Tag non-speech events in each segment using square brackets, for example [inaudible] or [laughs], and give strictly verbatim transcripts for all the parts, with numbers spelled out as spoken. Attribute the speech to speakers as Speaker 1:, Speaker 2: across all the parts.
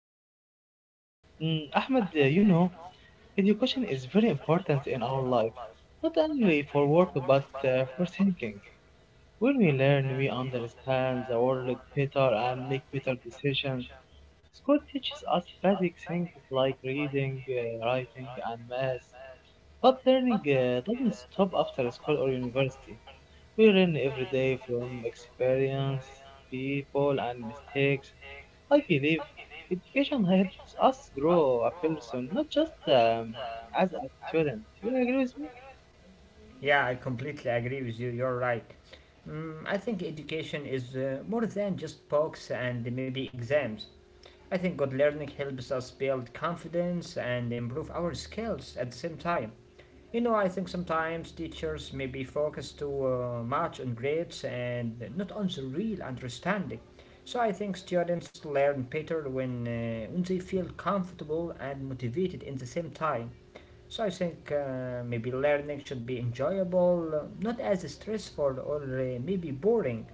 Speaker 1: you.
Speaker 2: Mm, Ahmad, uh, you know, education is very important in our life, not only for work but uh, for thinking. When we learn, we understand the world better and make better decisions. School teaches us basic things like reading, uh, writing, and math, but learning uh, doesn't stop after school or university. We learn every day from experience, people, and mistakes. I believe education helps us grow a person, not just um, as a student. Do you agree with me?
Speaker 1: Yeah, I completely agree with you. You're right. Mm, I think education is uh, more than just books and maybe exams. I think good learning helps us build confidence and improve our skills at the same time. You know, I think sometimes teachers may be focused too uh, much on grades and not on the real understanding. So I think students learn better when, uh, when they feel comfortable and motivated in the same time. So I think uh, maybe learning should be enjoyable, uh, not as stressful or uh, maybe boring.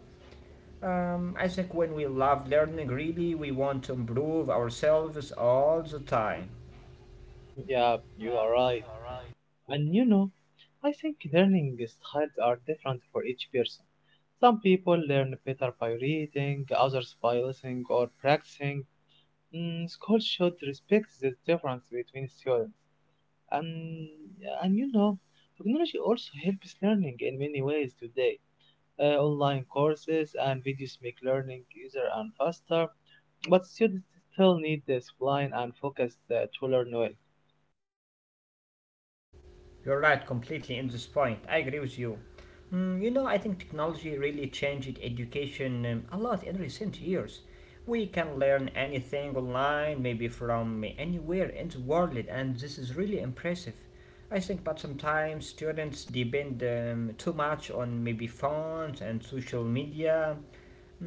Speaker 1: Um, I think when we love learning, really, we want to improve ourselves all the time.
Speaker 2: Yeah, you are right. And you know, I think learning styles are different for each person. Some people learn better by reading, others by listening or practicing. Mm, school should respect this difference between students. And, and you know, technology also helps learning in many ways today. Uh, online courses and videos make learning easier and faster, but students still need discipline and focus uh, to learn well.
Speaker 1: You're right, completely in this point. I agree with you. Mm, you know, I think technology really changed education um, a lot in recent years. We can learn anything online, maybe from anywhere in the world, and this is really impressive. I think, but sometimes students depend um, too much on maybe phones and social media.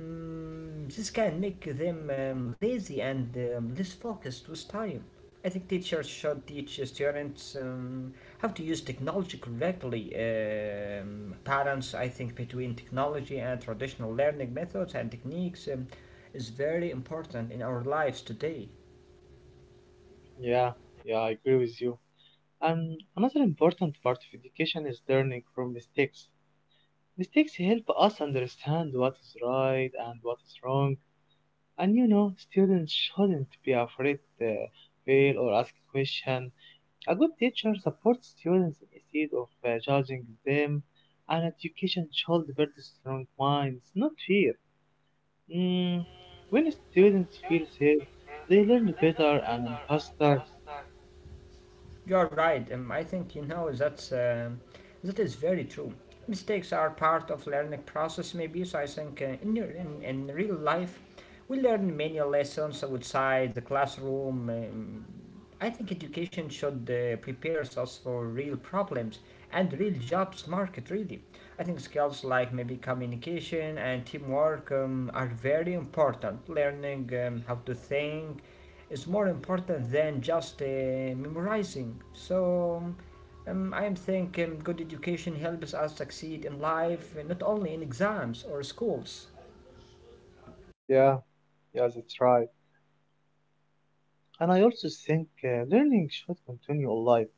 Speaker 1: Mm, this can make them um, lazy and um, less focused with time. I think teachers should teach students um, how to use technology correctly. Um, balance, I think, between technology and traditional learning methods and techniques um, is very important in our lives today.
Speaker 2: Yeah, yeah, I agree with you. And another important part of education is learning from mistakes. Mistakes help us understand what is right and what is wrong. And you know, students shouldn't be afraid to fail or ask questions. A good teacher supports students instead of uh, judging them. And education should build strong minds, not fear. Mm, when students feel safe, they learn better and faster.
Speaker 1: You're right. Um, I think you know that's um that is very true. Mistakes are part of learning process, maybe. So I think uh, in, your- in in real life, we learn many lessons outside the classroom. Um, I think education should uh, prepare us for real problems and real jobs market. Really, I think skills like maybe communication and teamwork um, are very important. Learning um, how to think is more important than just uh, memorizing. So um, I am thinking good education helps us succeed in life, uh, not only in exams or schools.
Speaker 2: Yeah, yeah, that's right. And I also think uh, learning should continue all life,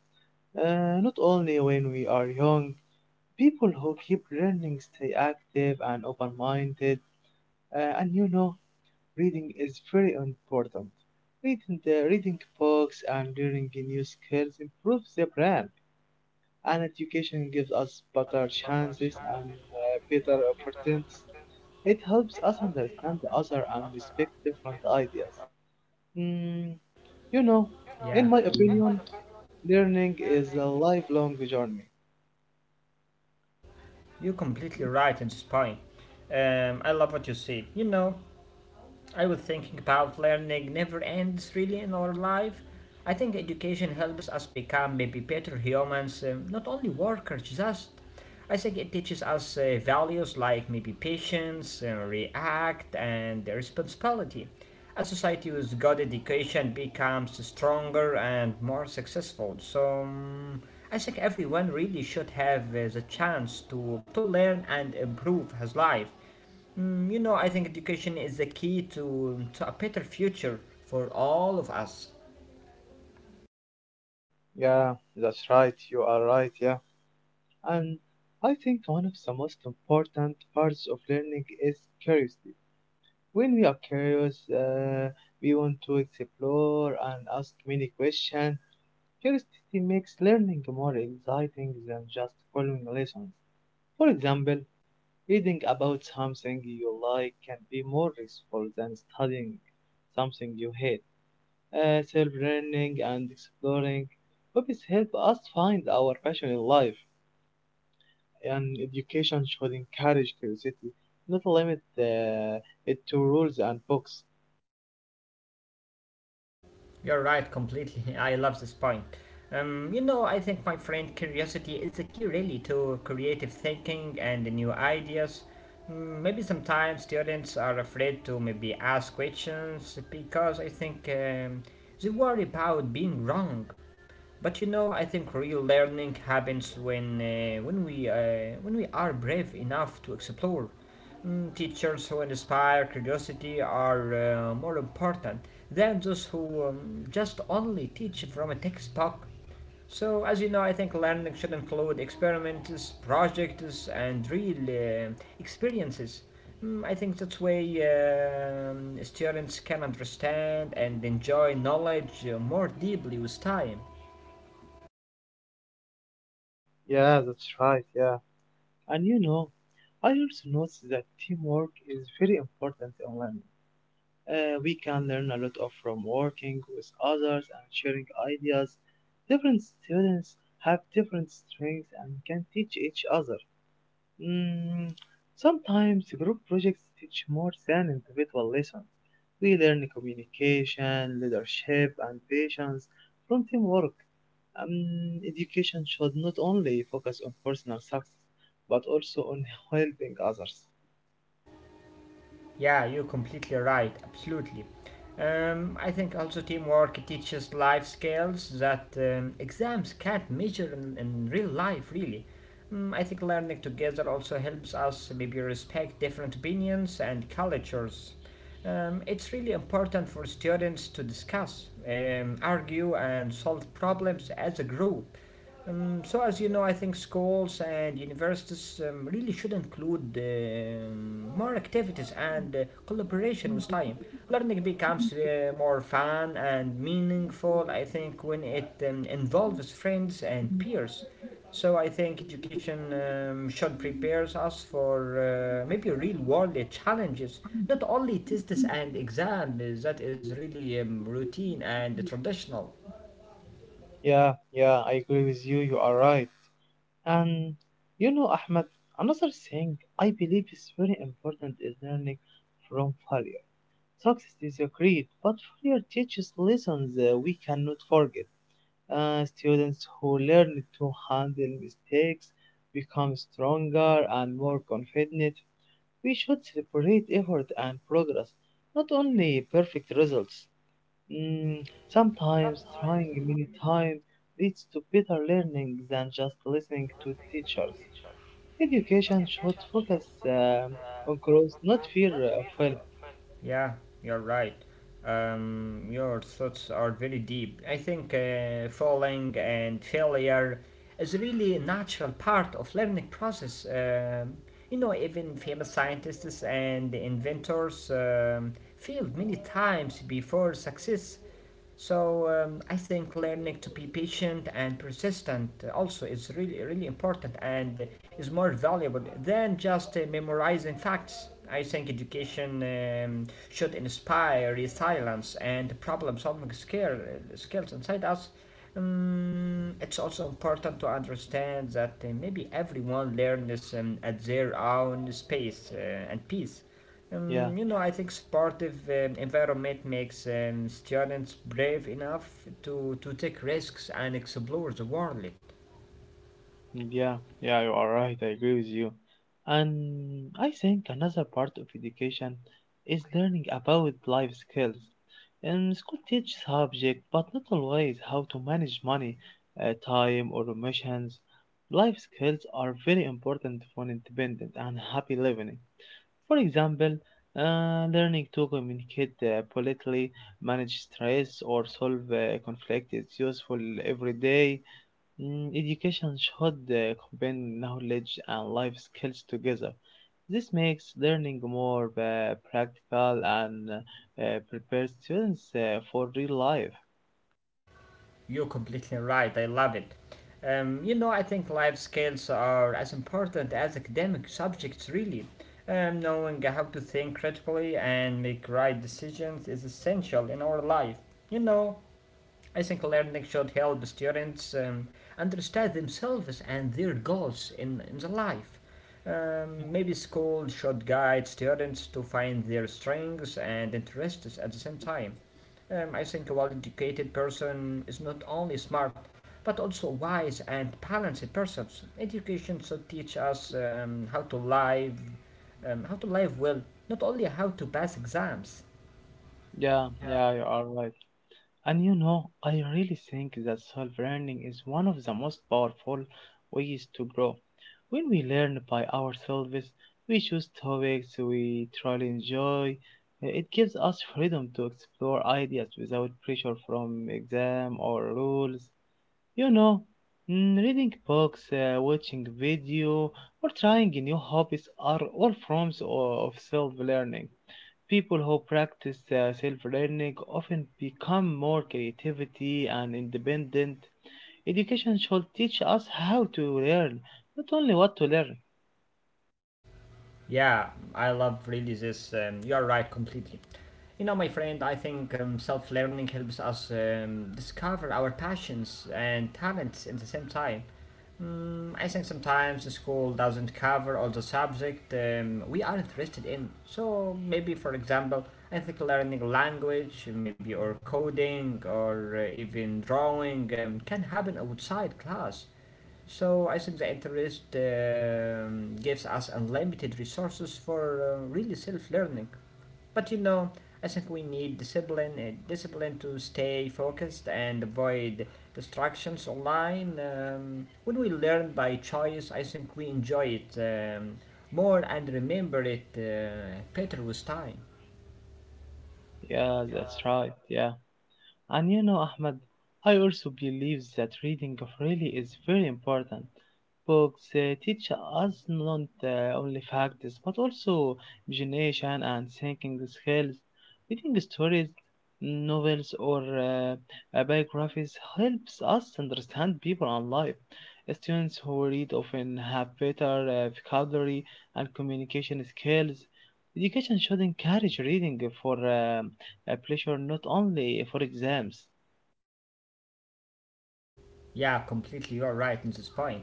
Speaker 2: uh, not only when we are young. People who keep learning stay active and open minded. Uh, and you know, reading is very important. Reading, the, reading books and learning new skills improves the brain, and education gives us better chances and uh, better opportunities. It helps us understand the other and respect different ideas. Mm, you know, in
Speaker 1: Yeah,
Speaker 2: my opinion, learning is a lifelong journey.
Speaker 1: you're completely right in this point. Um, I love what you said. You know, I was thinking about learning never ends really in our life. I think education helps us become maybe better humans, um, not only workers, just. I think it teaches us uh, values like maybe patience, uh, react, and responsibility. A society with good education becomes stronger and more successful. So um, I think everyone really should have uh, the chance to, to learn and improve his life. Mm, you know, I think education is the key to, to a better future for all of us.
Speaker 2: Yeah, that's right. You are right. Yeah, and I think one of the most important parts of learning is curiosity. When we are curious, uh, we want to explore and ask many questions. Curiosity makes learning more exciting than just following lessons. For example, reading about something you like can be more useful than studying something you hate. Uh, self-learning and exploring hobbies help us find our passion in life, and education should encourage curiosity, not limit uh, it to rules and books.
Speaker 1: You're right, completely. [laughs] I love this point. Um, you know, I think, my friend, curiosity is the key really to creative thinking and the new ideas. Mm, maybe sometimes students are afraid to maybe ask questions because I think um, they worry about being wrong. But you know, I think real learning happens when uh, when we uh, when we are brave enough to explore. Mm, teachers who inspire curiosity are uh, more important than those who um, just only teach from a textbook. So, as you know, I think learning should include experiments, projects, and real uh, experiences. Mm, I think that's way um, students can understand and enjoy knowledge uh, more deeply with time.
Speaker 2: Yeah, that's right. Yeah. And you know, I also noticed that teamwork is very important in learning. Uh, we can learn a lot of from working with others and sharing ideas. Different students have different strengths and can teach each other. Mm, sometimes group projects teach more than individual lessons. We learn communication, leadership, and patience from teamwork. Um, education should not only focus on personal success, but also on [laughs] helping others.
Speaker 1: Yeah, you're completely right, absolutely. Um, I think also teamwork teaches life skills that um, exams can't measure in, in real life, really. Mm, I think learning together also helps us maybe respect different opinions and cultures. Um, it's really important for students to discuss, um, argue, and solve problems as a group. Um, so, as you know, I think schools and universities um, really should include um more activities and uh, collaboration with time. Learning becomes uh, more fun and meaningful, I think, when it um, involves friends and peers. So, I think education um, should prepare us for uh, maybe real world challenges, not only tests and exams, that is really um, routine and traditional.
Speaker 2: Yeah, yeah, I agree with you. You are right. And you know, Ahmed, another thing I believe is very important is learning from failure. Success is agreed, but failure teaches lessons uh, we cannot forget. Uh, students who learn to handle mistakes become stronger and more confident. We should celebrate effort and progress, not only perfect results. Mm, sometimes trying many times leads to better learning than just listening to teachers. Education should focus um, on growth, not fear of failing.
Speaker 1: Yeah, you're right. Um, your thoughts are very deep. I think uh, falling and failure is really a natural part of learning process. Um, you know, even famous scientists and inventors um, failed many times before success. So um, I think learning to be patient and persistent also is really really important and is more valuable than just uh, memorizing facts. I think education um, should inspire resilience and problem-solving skill, skills inside us. Um, it's also important to understand that uh, maybe everyone learns um, at their own space uh, and pace.
Speaker 2: Yeah.
Speaker 1: Um, you know, I think supportive um, environment makes um, students brave enough to, to take risks and explore the world.
Speaker 2: Yeah, yeah, you are right. I agree with you. And I think another part of education is learning about life skills. And school teaches subject, but not always how to manage money, uh, time, or emotions. Life skills are very important for independent and happy living. For example, uh, learning to communicate uh, politely, manage stress, or solve uh, conflict is useful every day. Mm, Education should uh, combine knowledge and life skills together. This makes learning more uh, practical and uh, prepares students uh, for real life.
Speaker 1: You're completely right. I love it. Um, you know, I think life skills are as important as academic subjects, really. Um, knowing how to think critically and make right decisions is essential in our life. You know, I think learning should help students um, understand themselves and their goals in, in the life. Um, maybe school should guide students to find their strengths and interests at the same time. Um, I think a well educated person is not only smart but also wise and balanced person. Education should teach us um, how to live, um, how to live well, Not only how to pass exams.
Speaker 2: Yeah, yeah, you are right. And you know, I really think that self learning is one of the most powerful ways to grow. When we learn by ourselves, we choose topics we truly enjoy. It gives us freedom to explore ideas without pressure from exam or rules. You know, mm, reading books, uh, watching video, or trying new hobbies are all forms o- of self-learning. People who practice uh, self-learning often become more creativity and independent. Education should teach us how to learn, not only what to learn.
Speaker 1: Yeah, I love releases. Um, you are right completely. You know, my friend, I think um, self learning helps us um, discover our passions and talents at the same time. Mm, I think sometimes the school doesn't cover all the subject um, we are interested in. So maybe, for example, I think learning language, maybe or coding or uh, even drawing um, can happen outside class. So I think the interest um, gives us unlimited resources for uh, really self-learning. But you know, I think we need discipline, uh, discipline to stay focused and avoid distractions online. Um, when we learn by choice, I think we enjoy it um, more and remember it uh, better with time.
Speaker 2: Yeah, that's right. Yeah. And you know, Ahmed, I also believe that reading really is very important. Books uh, teach us not uh, only facts but also imagination and thinking skills. Reading stories, novels, or uh, uh, biographies helps us understand people and life. Students who read often have better uh, vocabulary and communication skills. Education should encourage reading for um, a pressure not only for exams.
Speaker 1: Yeah, completely. You're right in this point.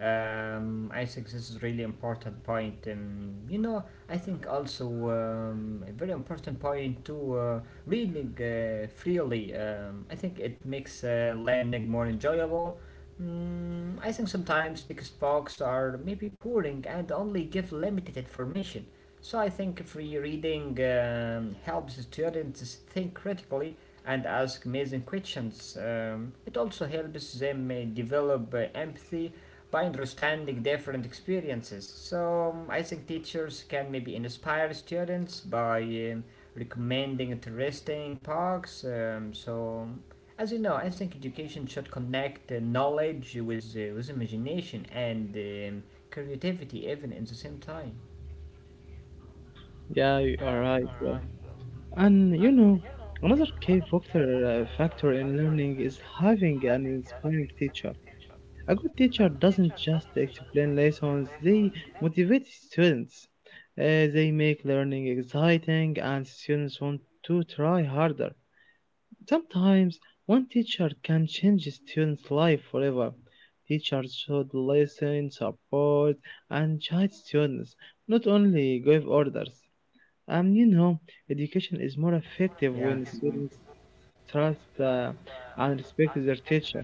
Speaker 1: Um, I think this is really important point. Um, you know, I think also um, a very important point to uh, reading uh, freely. Um, I think it makes uh, learning more enjoyable. Mm, I think sometimes text books are maybe boring and only give limited information. So I think free reading um, helps students think critically and ask amazing questions. Um, it also helps them uh, develop uh, empathy by understanding different experiences. So um, I think teachers can maybe inspire students by um, recommending interesting talks. Um, so as you know, I think education should connect uh, knowledge with uh, with imagination and um, creativity even in the same time.
Speaker 2: Yeah, you are right. Yeah. And you know, another key factor, uh, factor in learning is having an inspiring teacher. A good teacher doesn't just explain lessons, they motivate students. Uh, they make learning exciting and students want to try harder. Sometimes one teacher can change a student's life forever. Teachers should listen, support, and guide students, not only give orders. And you know, education is more effective when
Speaker 1: Yeah.
Speaker 2: students trust uh, and respect their teacher.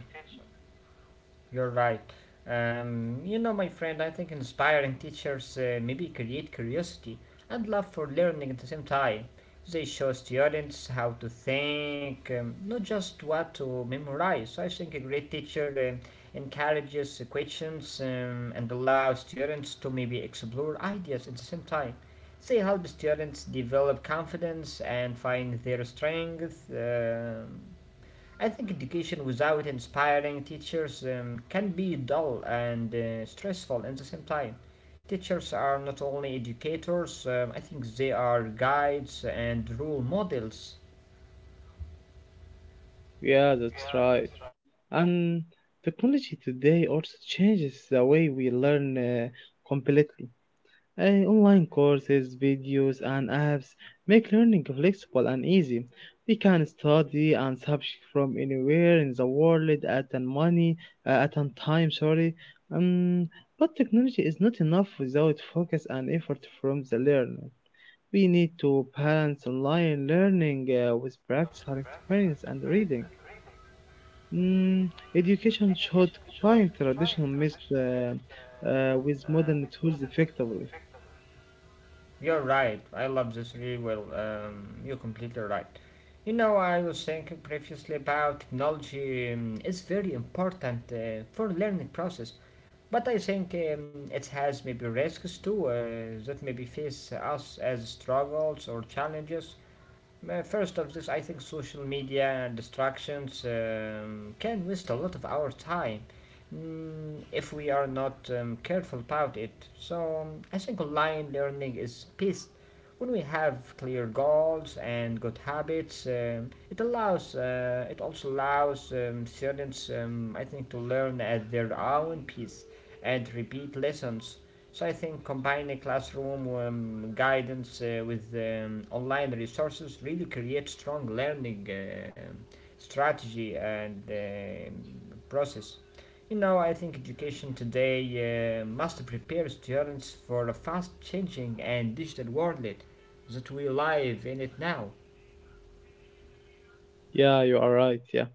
Speaker 1: You're right. Um, you know, my friend, I think inspiring teachers uh, maybe create curiosity and love for learning at the same time. They show students how to think, um, not just what to memorize. I think a great teacher uh, encourages questions um, and allows students to maybe explore ideas at the same time. They help students develop confidence and find their strength. um I think education without inspiring teachers um, can be dull and uh, stressful at the same time. Teachers are not only educators, um, I think they are guides and role models.
Speaker 2: Yeah, that's right. And technology today also changes the way we learn uh, completely. Uh, online courses, videos, and apps make learning flexible and easy. We can study and subject from anywhere in the world at an money uh, at an time. Sorry, um, but technology is not enough without focus and effort from the learner. We need to balance online learning uh, with practical experience and reading. Mm, education should combine traditional methods uh, uh, with modern tools effectively.
Speaker 1: You're right, I love this really well. Um, you're completely right. You know, I was thinking previously about technology um, is very important uh, for learning process, but I think um, it has maybe risks too uh, that maybe face us as struggles or challenges. Uh, First of this, I think social media and distractions um, can waste a lot of our time mm, if we are not um, careful about it. So um, I think online learning is best when we have clear goals and good habits. Um, it allows, uh, it also allows um, students, um, I think, to learn at their own pace and repeat lessons. So I think combining classroom um, guidance uh, with um, online resources really creates strong learning uh, strategy and um process. You know, I think education today uh, must prepare students for a fast changing and digital world that we live in it now.
Speaker 2: Yeah, you are right. Yeah.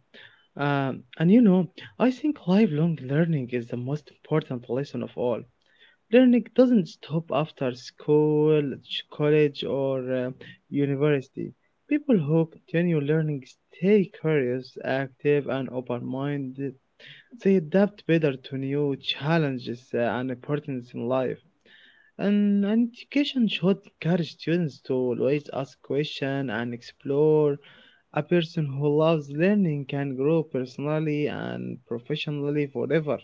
Speaker 2: Um, and you know, I think lifelong learning is the most important lesson of all. Learning doesn't stop after school, ch- college, or uh, university. People who continue learning stay curious, active, and open minded. They adapt better to new challenges uh, and importance in life. And and education should encourage students to always ask questions and explore. A person who loves learning can grow personally and professionally forever.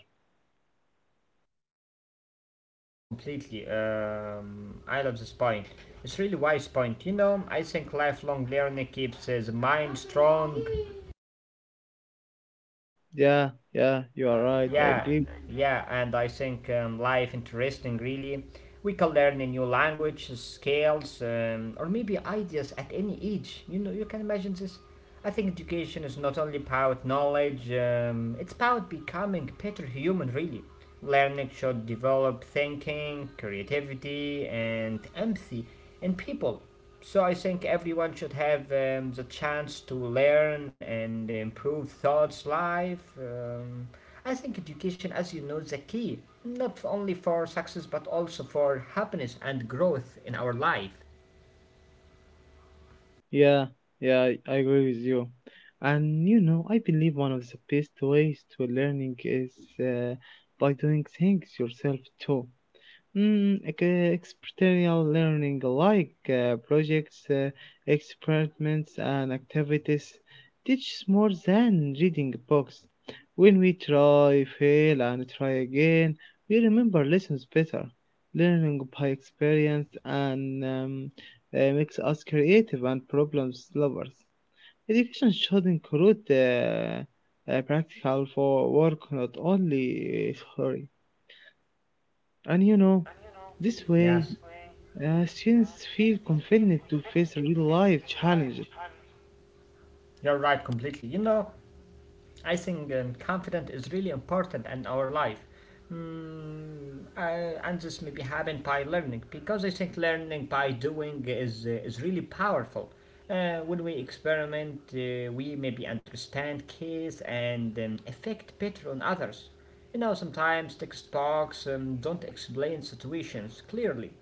Speaker 1: Yeah, completely. Um, I love this point. It's really wise point. You know, I think lifelong learning keeps uh, the mind strong.
Speaker 2: Yeah, yeah, you are right. I
Speaker 1: Yeah,
Speaker 2: agree.
Speaker 1: yeah, and I think um, life interesting really. We can learn a new language, scales, um, or maybe ideas at any age. You know, you can imagine this. I think education is not only about knowledge, um, it's about becoming better human really. Learning should develop thinking, creativity, and empathy in people. So I think everyone should have um, the chance to learn and improve thoughts life. Um, I think education, as you know, is the key, not only for success but also for happiness and growth in our life.
Speaker 2: Yeah, yeah, I agree with you. And you know, I believe one of the best ways to learning is uh, by doing things yourself too. Mm, ex- experiential learning like uh, projects, uh, experiments, and activities teaches more than reading books. When we try, fail, and try again, we remember lessons better. Learning by experience and um, uh, makes us creative and problem solvers. Education should include uh, uh, practical for work, not only uh, theory. And you know, this way.
Speaker 1: Yes,
Speaker 2: Uh, students feel confident to face real life challenges.
Speaker 1: you're right completely. You know, I think um, confidence is really important in our life. Mm, uh, and this maybe happen by learning because I think learning by doing is uh, is really powerful. Uh, when we experiment, uh, we maybe understand case and um, effect better on others. You know, sometimes text talks um, don't explain situations clearly,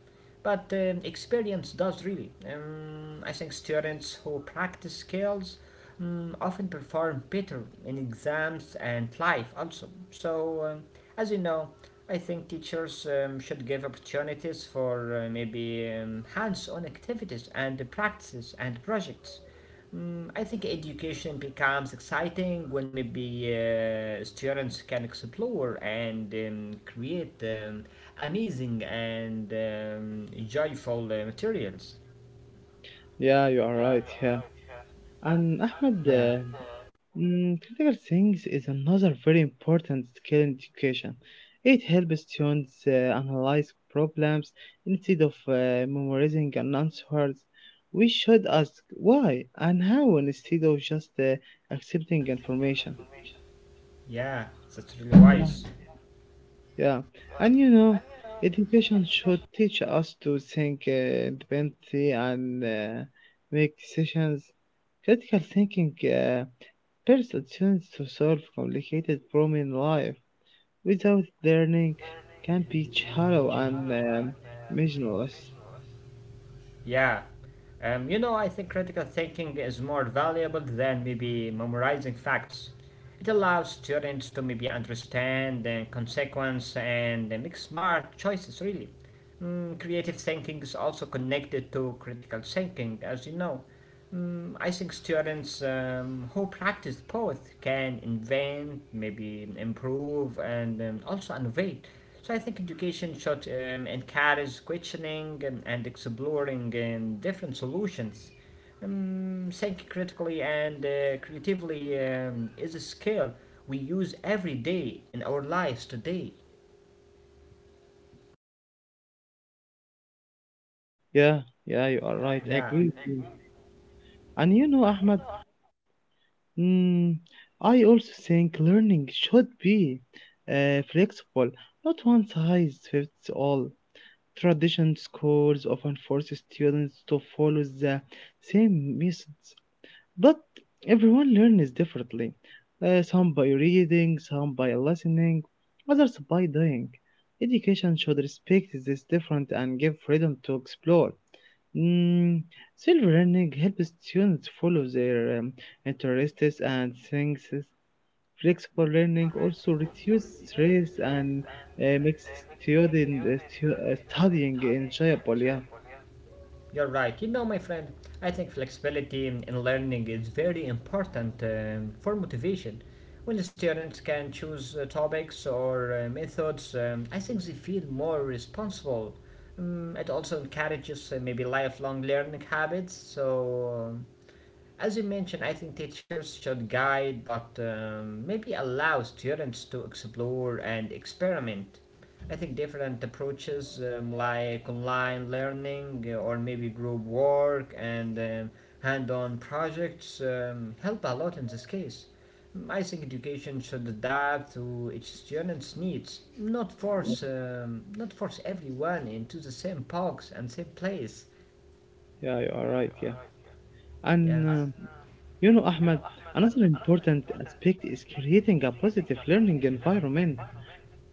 Speaker 1: but um, experience does really. Um, I think students who practice skills mm, often perform better in exams and life also. So, um, as you know, I think teachers um, should give opportunities for uh, maybe um, hands on activities and the practices and projects. Mm, I think education becomes exciting when maybe uh, students can explore and um, create um, amazing and um, joyful uh, materials.
Speaker 2: Yeah, you are right. Yeah. And Ahmed, uh,
Speaker 1: Yeah,
Speaker 2: mm, critical things is another very important skill in education. It helps students uh, analyze problems instead of uh, memorizing and answers. We should ask why and how instead of just uh, accepting information.
Speaker 1: yeah, that's really
Speaker 2: Yeah.
Speaker 1: wise.
Speaker 2: Yeah, and you know, education should teach us to think uh, independently and uh, make decisions. Critical thinking uh, prepares students to solve complicated problems in life. Without learning, can be shallow and um, meaningless.
Speaker 1: Yeah. Um, you know, I think critical thinking is more valuable than maybe memorizing facts. It allows students to maybe understand the consequence and make smart choices, really. Mm, creative thinking is also connected to critical thinking, as you know. Mm, I think students um, who practice both can invent, maybe improve, and um, also innovate. So I think education should um, encourage questioning and, and exploring um, different solutions. Um, think critically and uh, creatively um, is a skill we use every day in our lives today.
Speaker 2: Yeah, yeah, you are right. I
Speaker 1: Yeah.
Speaker 2: agree with you. And you know, Ahmed, mm, I also think learning should be uh, flexible, not one size fits all. Tradition schools often force students to follow the same methods, but everyone learns differently. Uh, some by reading, some by listening, others by doing. Education should respect this difference and give freedom to explore. Mm, self learning helps students follow their um, interests and things. Flexible learning also reduces stress and uh, makes student uh, stu- uh, studying enjoyable. Yeah,
Speaker 1: You're right. You know, my friend, I think flexibility in, in learning is very important um, for motivation. When the students can choose uh, topics or uh, methods, um, I think they feel more responsible. Um, it also encourages uh, maybe lifelong learning habits. So um, as you mentioned, I think teachers should guide but um, maybe allow students to explore and experiment. I think different approaches um, like online learning uh, or maybe group work and um, hand on projects um, help a lot in this case. Mm, I think education should adapt to each student's needs, not force, um, not force everyone into the same box and same place.
Speaker 2: yeah, you are right. Yeah, and
Speaker 1: Yeah,
Speaker 2: um you know, Ahmed, another important aspect is creating a positive learning environment.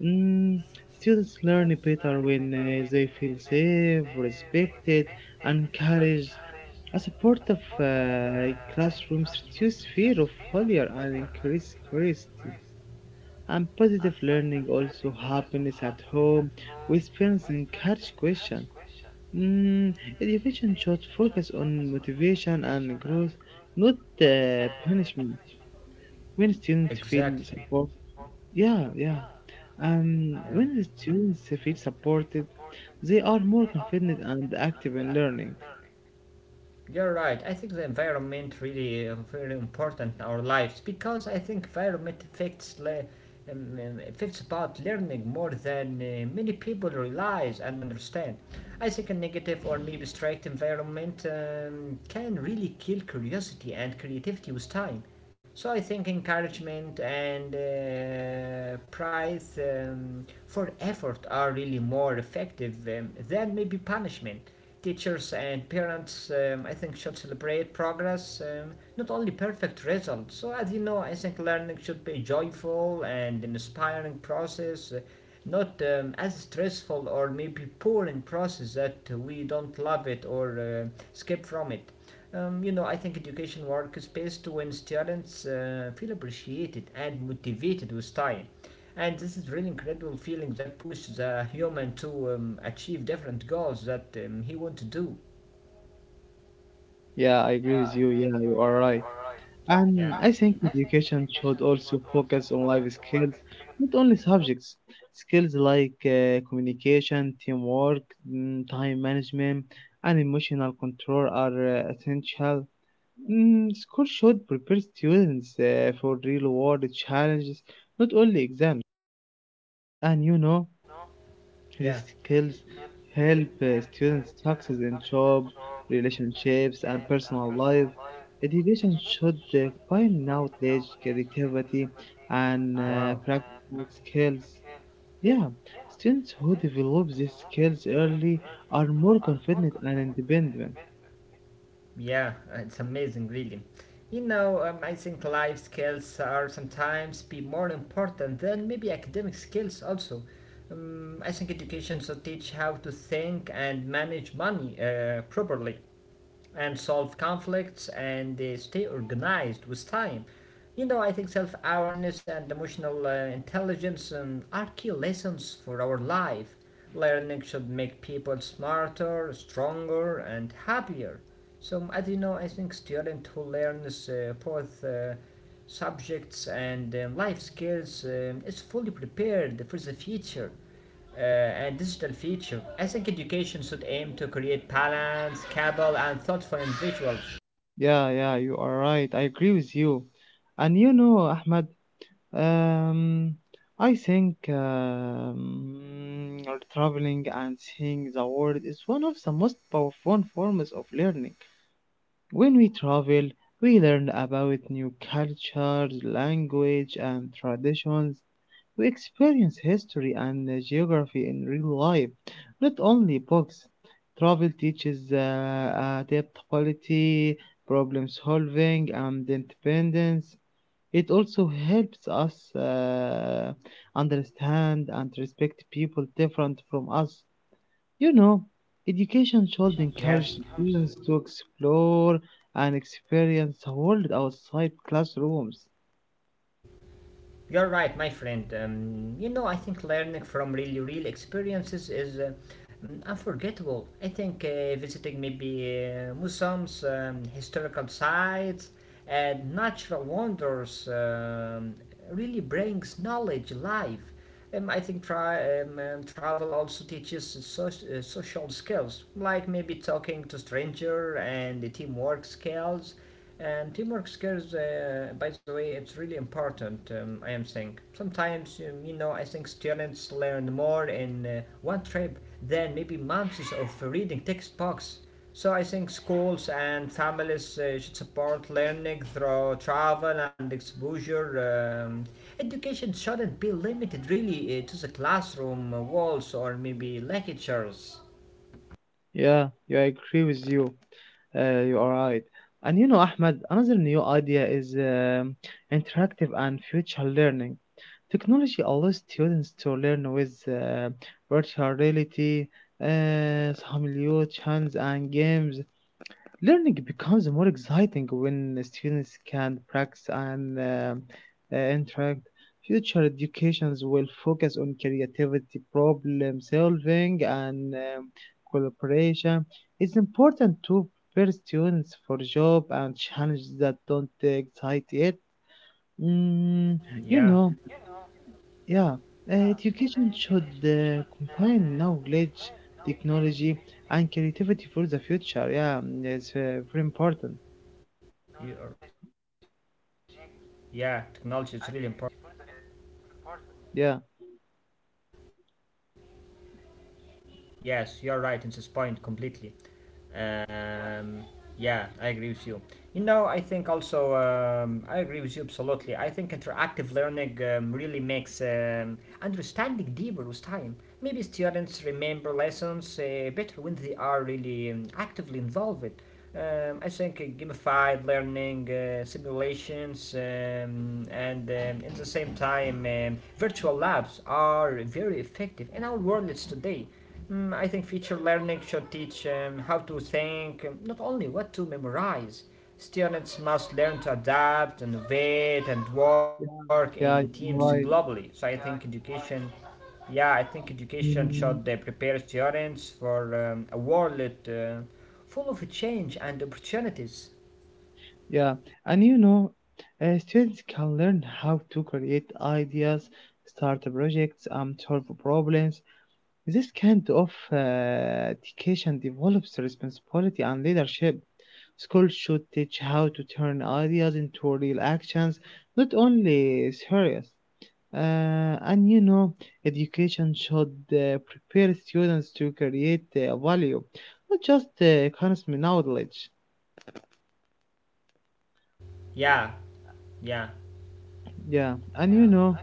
Speaker 2: Mm, students learn better when uh, they feel safe, respected, and encouraged. A supportive uh, classroom reduces fear of failure and increases curiosity. And positive learning also happiness at home with parents encourage question. mm, education should focus on motivation and growth, not uh, punishment when students feel
Speaker 1: exactly.
Speaker 2: support. Yeah, yeah, um when the students feel supported, they are more confident and active in learning.
Speaker 1: You're right. I think the environment really uh, very important in our lives because I think environment affects le- um, um, affects about learning more than uh, many people realize and understand. I think a negative or maybe strict environment um, can really kill curiosity and creativity with time. So I think encouragement and uh, pride um, for effort are really more effective um, than maybe punishment. Teachers and parents, um, I think, should celebrate progress, um, not only perfect results. So, as you know, I think learning should be a joyful and an inspiring process, uh, not um, as stressful or maybe boring process that we don't love it or uh, skip from it. Um, you know, I think education work is best when students uh, feel appreciated and motivated with time, and this is really incredible feeling that pushes a human to um, achieve different goals that um, he want to do.
Speaker 2: Yeah, I agree with you. Yeah, you are right. And
Speaker 1: Yeah,
Speaker 2: I think education should also focus on life skills, not only subjects. Skills like uh, communication, teamwork, mm, time management, and emotional control are uh, essential. Mm, school should prepare students uh, for real world challenges, not only exams. And you know,
Speaker 1: yeah.
Speaker 2: these skills help uh, students success in job, relationships, and personal life. Education should uh, find knowledge, creativity, and uh,
Speaker 1: Wow.
Speaker 2: practical skills. Yeah, students who develop these skills early are more confident and independent.
Speaker 1: Yeah, it's amazing really. You know, um, I think life skills are sometimes be more important than maybe academic skills also. um, I think education should teach how to think and manage money uh, properly and solve conflicts and they stay organized with time. You know, I think self awareness and emotional uh, intelligence um, are key lessons for our life. Learning should make people smarter, stronger, and happier. So, as you know, I think students who learn uh, both uh, subjects and um, life skills um, is fully prepared for the future uh, and digital feature. I think education should aim to create balanced, capable, and thoughtful individuals.
Speaker 2: Yeah, yeah, you are right. I agree with you. And you know, Ahmed. Um, I think um, mm, traveling and seeing the world is one of the most powerful forms of learning. When we travel, we learn about new cultures, language, and traditions. We experience history and uh, geography in real life, not only books. Travel teaches uh, adaptability, problem solving, and independence. It also helps us uh, understand and respect people different from us. You know, education should encourage
Speaker 1: Yes.
Speaker 2: students to explore and experience the world outside classrooms.
Speaker 1: You're right, my friend. Um, you know, I think learning from really real experiences is uh, mm, unforgettable. I think uh, visiting maybe uh, museums, um, historical sites, and natural wonders um, really brings knowledge alive. Um, I think tra- um, um, travel also teaches soc- uh, social skills, like maybe talking to stranger and the teamwork skills and teamwork skills, uh, by the way, it's really important. Um, I am saying sometimes, um, you know, I think students learn more in uh, one trip than maybe months of reading textbooks. So I think schools and families uh, should support learning through travel and exposure. Um, education shouldn't be limited really uh, to the classroom walls or maybe lectures.
Speaker 2: Yeah, yeah, I agree with you. Uh, you are right. And you know, Ahmed, another new idea is um, interactive and future learning. Technology allows students to learn with uh, virtual reality, uh, simulation, and games. Learning becomes more exciting when students can practice and um, uh, interact. Future educations will focus on creativity, problem solving, and um, collaboration. It's important to prepare students for job and challenges that don't excite yet. Mm, you
Speaker 1: Yeah,
Speaker 2: know, yeah, uh, education should uh, combine knowledge, technology, and creativity for the future. Yeah, mm, it's uh, very important.
Speaker 1: yeah, technology is really important.
Speaker 2: Yeah.
Speaker 1: Yes, you're right in this point completely. Um, yeah, I agree with you. You know, I think also um, I agree with you absolutely. I think interactive learning um, really makes um, understanding deeper with time. Maybe students remember lessons uh, better when they are really um, actively involved. Um, I think uh, gamified learning, uh, simulations, um, and um, at the same time, um, virtual labs are very effective in our world today. Mm, I think feature learning should teach um, how to think, um, not only what to memorize. Students must learn to adapt, innovate, and
Speaker 2: Yeah.
Speaker 1: work in
Speaker 2: Yeah,
Speaker 1: teams
Speaker 2: you're right.
Speaker 1: globally. So I think education, yeah, I think education should
Speaker 2: Mm,
Speaker 1: uh, prepare students for um, a world uh, full of change and opportunities.
Speaker 2: yeah, and you know, uh, students can learn how to create ideas, start projects, um, solve problems. This kind of uh, education develops responsibility and leadership. Schools should teach how to turn ideas into real actions, not only theories. Uh, and you know, education should uh, prepare students to create uh, value, not just uh, consume knowledge.
Speaker 1: Yeah, yeah.
Speaker 2: Yeah, and you know,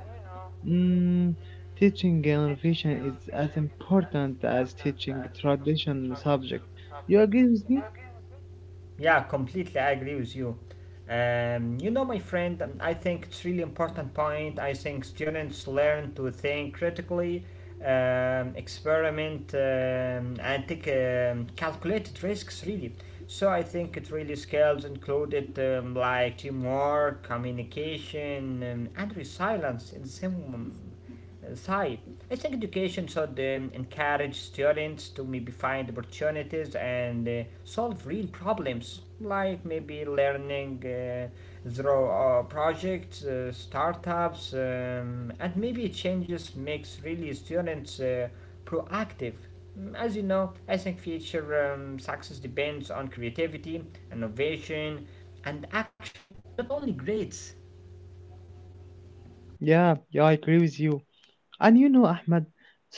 Speaker 2: mm, teaching innovation is as important as teaching tradition subject. You agree with me?
Speaker 1: Yeah, completely. I agree with you. Um, you know, my friend, um, I think it's really important point. I think students learn to think critically, um, experiment, um, and take um, calculated risks. Really, so I think it really skills included um, like teamwork, communication, um, and resilience in the same um, side. I think education should um, encourage students to maybe find opportunities and uh, solve real problems, like maybe learning uh, through uh, projects, uh, startups, um, and maybe changes makes really students uh, proactive. Mm, As you know, I think future um, success depends on creativity, innovation, and action, not only grades.
Speaker 2: Yeah, yeah, I agree with you. And you know, Ahmed,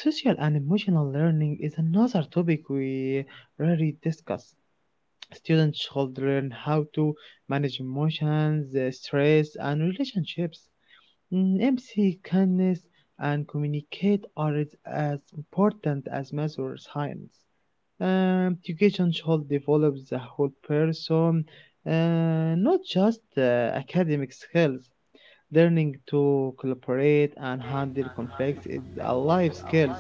Speaker 2: social and emotional learning is another topic we rarely discuss. Students should learn how to manage emotions, uh, stress, and relationships. Mm, empathy, kindness, and communicate are as as important as math or science. Um, education should develop the whole person, uh, not just uh, academic skills. Learning to cooperate and handle conflicts is a life skills.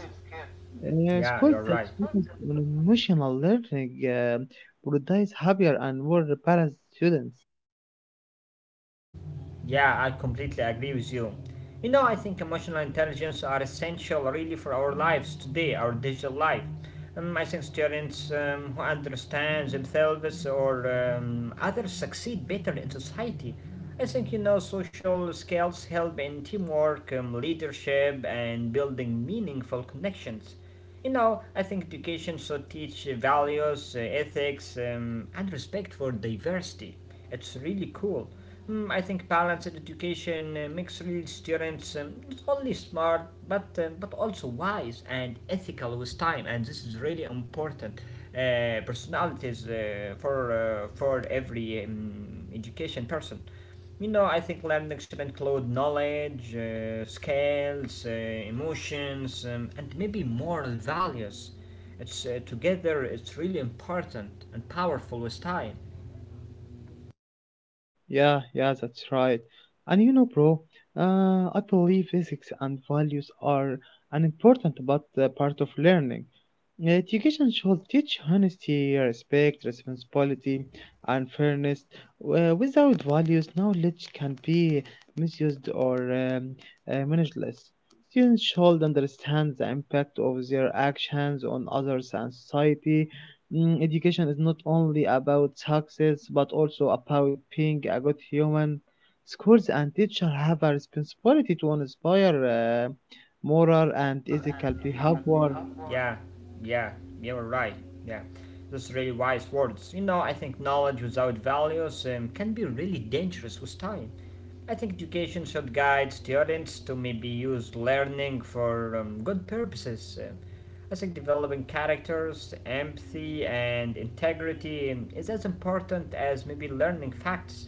Speaker 2: Uh,
Speaker 1: Yeah,
Speaker 2: schools
Speaker 1: you're
Speaker 2: that
Speaker 1: right.
Speaker 2: focus on emotional learning uh, produce happier and more balanced students.
Speaker 1: Yeah, I completely agree with you. You know, I think emotional intelligence are essential really for our lives today, our digital life. Um, I think students um, who understand themselves or um, others succeed better in society. I think you know social skills help in teamwork, um, leadership, and building meaningful connections. You know, I think education should teach uh, values, uh, ethics, um, and respect for diversity. It's really cool. Mm, I think balanced education uh, makes real students um, not only smart but um, but also wise and ethical with time, and this is really important. Uh, personalities uh, for uh, for every um, education person. You know, I think learning should include knowledge, uh, skills, uh, emotions, um, and maybe moral values. It's uh, together. It's really important and powerful with time.
Speaker 2: Yeah, yeah, that's right. And you know, bro, uh, I believe ethics and values are an important but uh, part of learning. Education should teach honesty, respect, responsibility, and fairness. Uh, without values, knowledge can be misused or um, uh, manageless. Students should understand the impact of their actions on others and society. Mm, education is not only about success but also about being a good human. Schools and teachers have a responsibility to inspire uh, moral and ethical behavior.
Speaker 1: Yeah, yeah, you're right. Yeah, those really wise words. You know, I think knowledge without values um, can be really dangerous with time. I think education should guide students to maybe use learning for um, good purposes. Um, I think developing characters, empathy, and integrity um, is as important as maybe learning facts.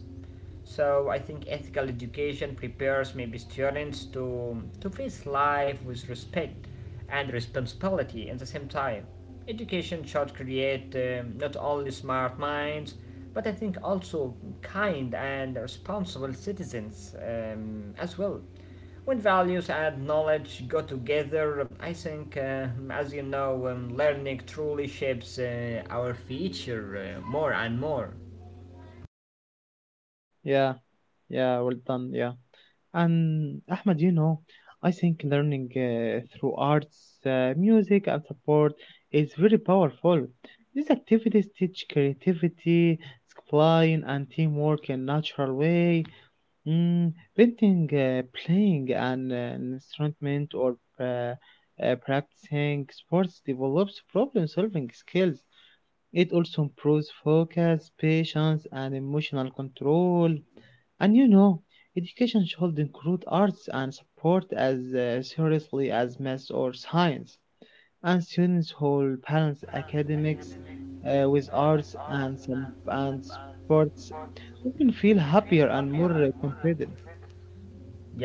Speaker 1: So I think ethical education prepares maybe students to, to face life with respect and responsibility at the same time. Education should create um, not only smart minds, but I think also kind and responsible citizens um, as well. When values and knowledge go together, I think, uh, as you know, um, learning truly shapes uh, our future uh, more and more.
Speaker 2: Yeah, yeah, well done. Yeah, and Ahmed, you know, I think learning uh, through arts, uh, music, and support is very powerful. These activities teach creativity, discipline, and teamwork in natural way. Mm, painting, uh, playing an uh, instrument, or uh, uh, practicing sports develops problem solving skills. It also improves focus, patience, and emotional control. And you know, education should include arts and support as uh, seriously as math or science. And students who balance academics uh, with arts and some and sports often feel happier and more uh, confident.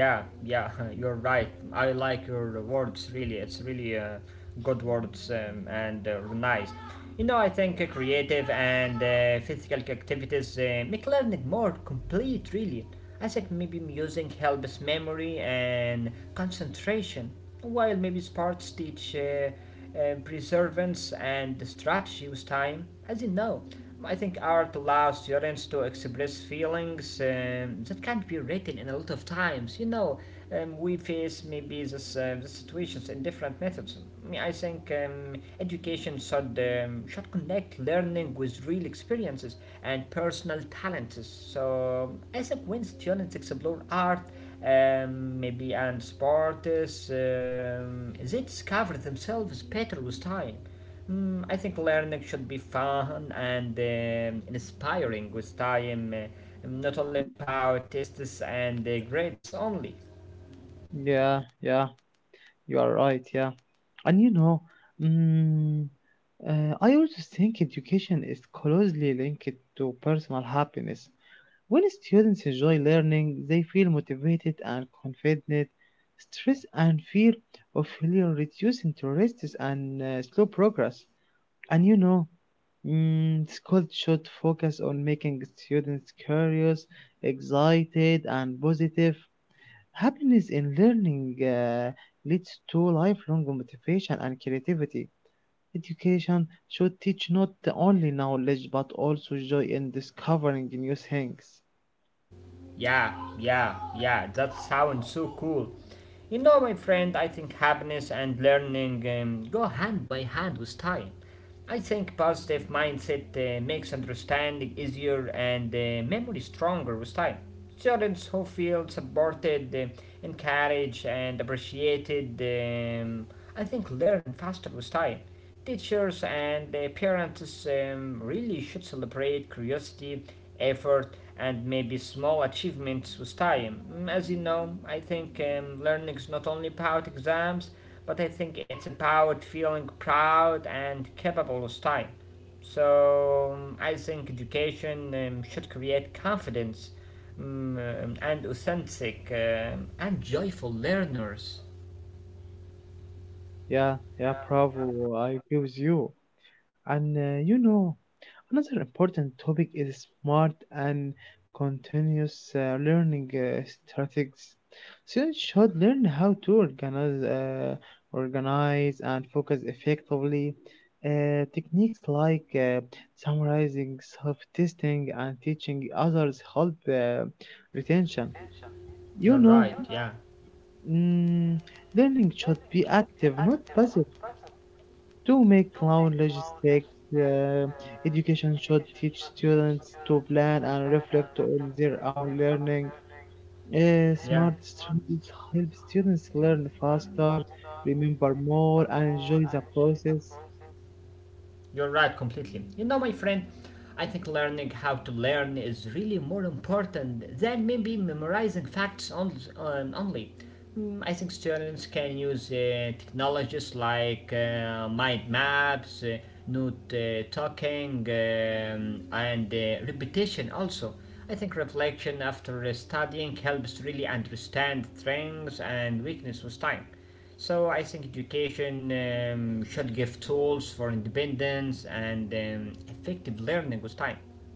Speaker 1: Yeah, yeah, [laughs] you're right. I like your words really. It's really uh, good words um, and uh, nice. You know, I think uh, creative and uh, physical activities uh, make learning more complete, really. I think maybe music helps memory and concentration, while maybe sports teach uh, uh, perseverance and strategy with time, as you know. I think art allows students to express feelings um, that can't be written in a lot of times. You know, um, we face maybe this, uh, this situations in different methods. I mean, I think um, education should um, should connect learning with real experiences and personal talents. So I think when students explore art, um, maybe and sports, um, they discover themselves better with time. Mm, I think learning should be fun and um, inspiring with time, uh, not only about tests and uh, grades only.
Speaker 2: Yeah, yeah, you are right. Yeah, and you know, mm, uh, I also think education is closely linked to personal happiness. When students enjoy learning, they feel motivated and confident. Stress and fear of failure reduce interests and uh, slow progress. And you know, mm, school should focus on making students curious, excited, and positive. Happiness in learning uh, leads to lifelong motivation and creativity. Education should teach not only knowledge but also joy in discovering new things.
Speaker 1: Yeah, yeah, yeah, that sounds so cool. You know, my friend, I think happiness and learning um, go hand by hand with time. I think positive mindset uh, makes understanding easier and uh, memory stronger with time. Students who feel supported, uh, encouraged, and appreciated, um, I think, learn faster with time. Teachers and uh, parents um, really should celebrate curiosity, effort, and maybe small achievements with time. Mm, As you know, I think um, learning is not only about exams, but I think it's about feeling proud and capable with time. So um, I think education um, should create confidence, mm, um, and authentic um, and joyful learners.
Speaker 2: Yeah, yeah, bravo. I agree with you. And uh, you know, another important topic is smart and continuous uh, learning uh, strategies. Students should learn how to organize, uh, organize and focus effectively. Uh, techniques like uh, summarizing, self-testing, and teaching others help uh, retention. You
Speaker 1: You're
Speaker 2: know,
Speaker 1: right.
Speaker 2: mm, learning should be active, not passive. To make cloud logistics, uh, education should teach students to plan and reflect on their own learning. Uh, smart strategies help students learn faster, remember more, and enjoy the process.
Speaker 1: You're right, completely. You know, my friend, I think learning how to learn is really more important than maybe memorizing facts on, um, only. Mm, I think students can use uh, technologies like uh, mind maps, uh, note uh, talking, um, and uh, repetition also. I think reflection after studying helps really understand strengths and weaknesses with time. So I think education um, should give tools for independence and um, effective learning with time.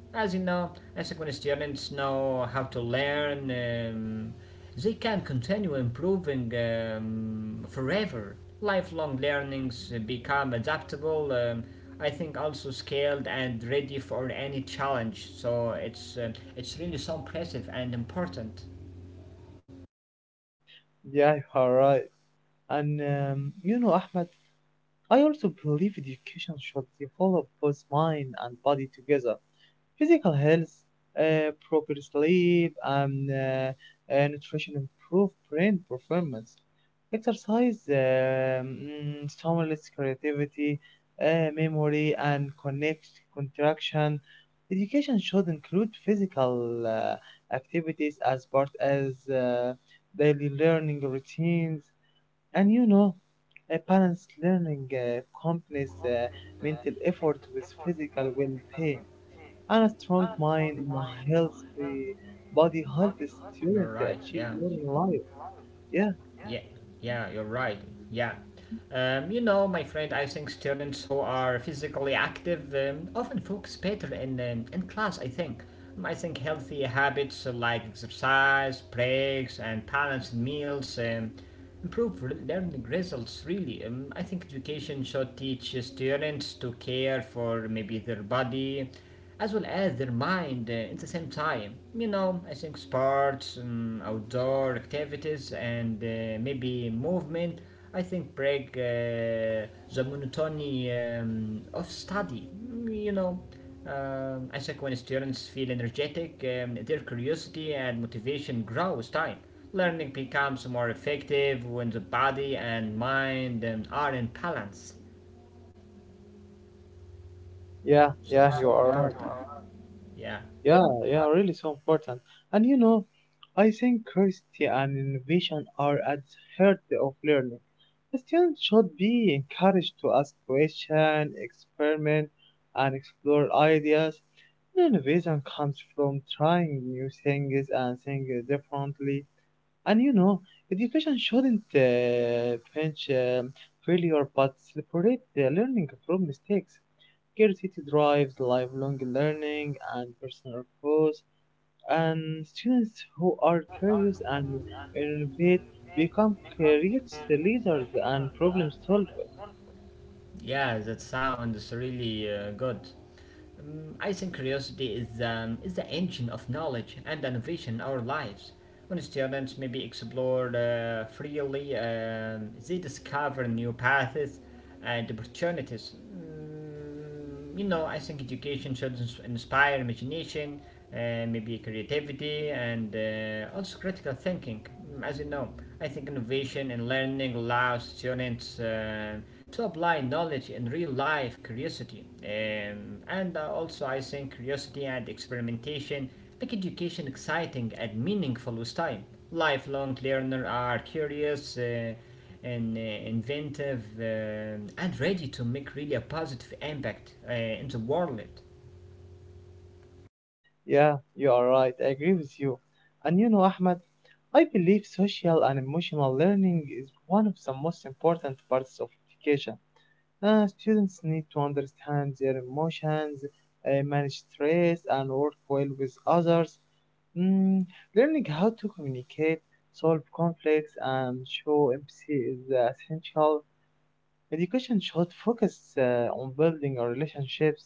Speaker 1: As you know, I think when students know how to learn, um, they can continue improving um, forever. Lifelong learnings become adaptable. Um, I think also scaled and ready for any challenge. So it's uh, it's really so impressive and important.
Speaker 2: Yeah, you are right. And um, you know, Ahmed, I also believe education should develop both mind and body together. Physical health, uh, proper sleep, and uh, uh, nutrition improve brain performance. Exercise um, mm, stimulates creativity, uh, memory, and connect contraction. Education should include physical uh, activities as part as uh, daily learning routines. And you know, a balanced learning uh, combines uh, mental effort with physical well-being. And a strong mind and a healthy body help a student
Speaker 1: You're
Speaker 2: to
Speaker 1: right.
Speaker 2: achieve
Speaker 1: Yeah.
Speaker 2: more in life. Yeah,
Speaker 1: Yeah, you're right. Yeah. Um, you know, my friend, I think students who are physically active um, often focus better in, um, in class, I think. Um, I think healthy habits uh, like exercise, breaks, and balanced meals um, improve re- learning results, really. Um, I think education should teach uh, students to care for maybe their body as well as their mind uh, in the same time. You know, I think sports, um, outdoor activities, and uh, maybe movement, I think break uh, the monotony um, of study. Mm, You know, um, I think when students feel energetic, um, their curiosity and motivation grow with time. Learning becomes more effective when the body and mind um, are in balance.
Speaker 2: yeah,
Speaker 1: So,
Speaker 2: yeah, you
Speaker 1: so
Speaker 2: are right.
Speaker 1: yeah.
Speaker 2: Yeah, yeah, really so important. And you know, I think curiosity and innovation are at the heart of learning. The student should be encouraged to ask questions, experiment, and explore ideas. Innovation comes from trying new things and thinking differently. And you know, education shouldn't uh, pinch um, failure but celebrate the learning from mistakes. Curiosity drives lifelong learning and personal growth, and students who are curious and innovate become creates the leaders and problem solvers.
Speaker 1: Yeah, that sounds really uh, good. Um, I think curiosity is, um, is the engine of knowledge and innovation in our lives. When students maybe explore uh, freely, um, they discover new paths and opportunities. Mm, you know, I think education should ins- inspire imagination, uh, maybe creativity, and uh, also critical thinking. As you know, I think innovation and learning allows students uh, to apply knowledge in real life curiosity. Um, and uh, also, I think curiosity and experimentation make education exciting and meaningful with time. Lifelong learners are curious. Uh, and uh, inventive um and ready to make really a positive impact uh, in the world.
Speaker 2: Yeah, you are right. I agree with you. And you know, Ahmed, I believe social and emotional learning is one of the most important parts of education. Uh, students need to understand their emotions, uh, manage stress, and work well with others. Mm, learning how to communicate, solve conflicts, and show empathy is uh, essential. Education should focus uh, on building our relationships,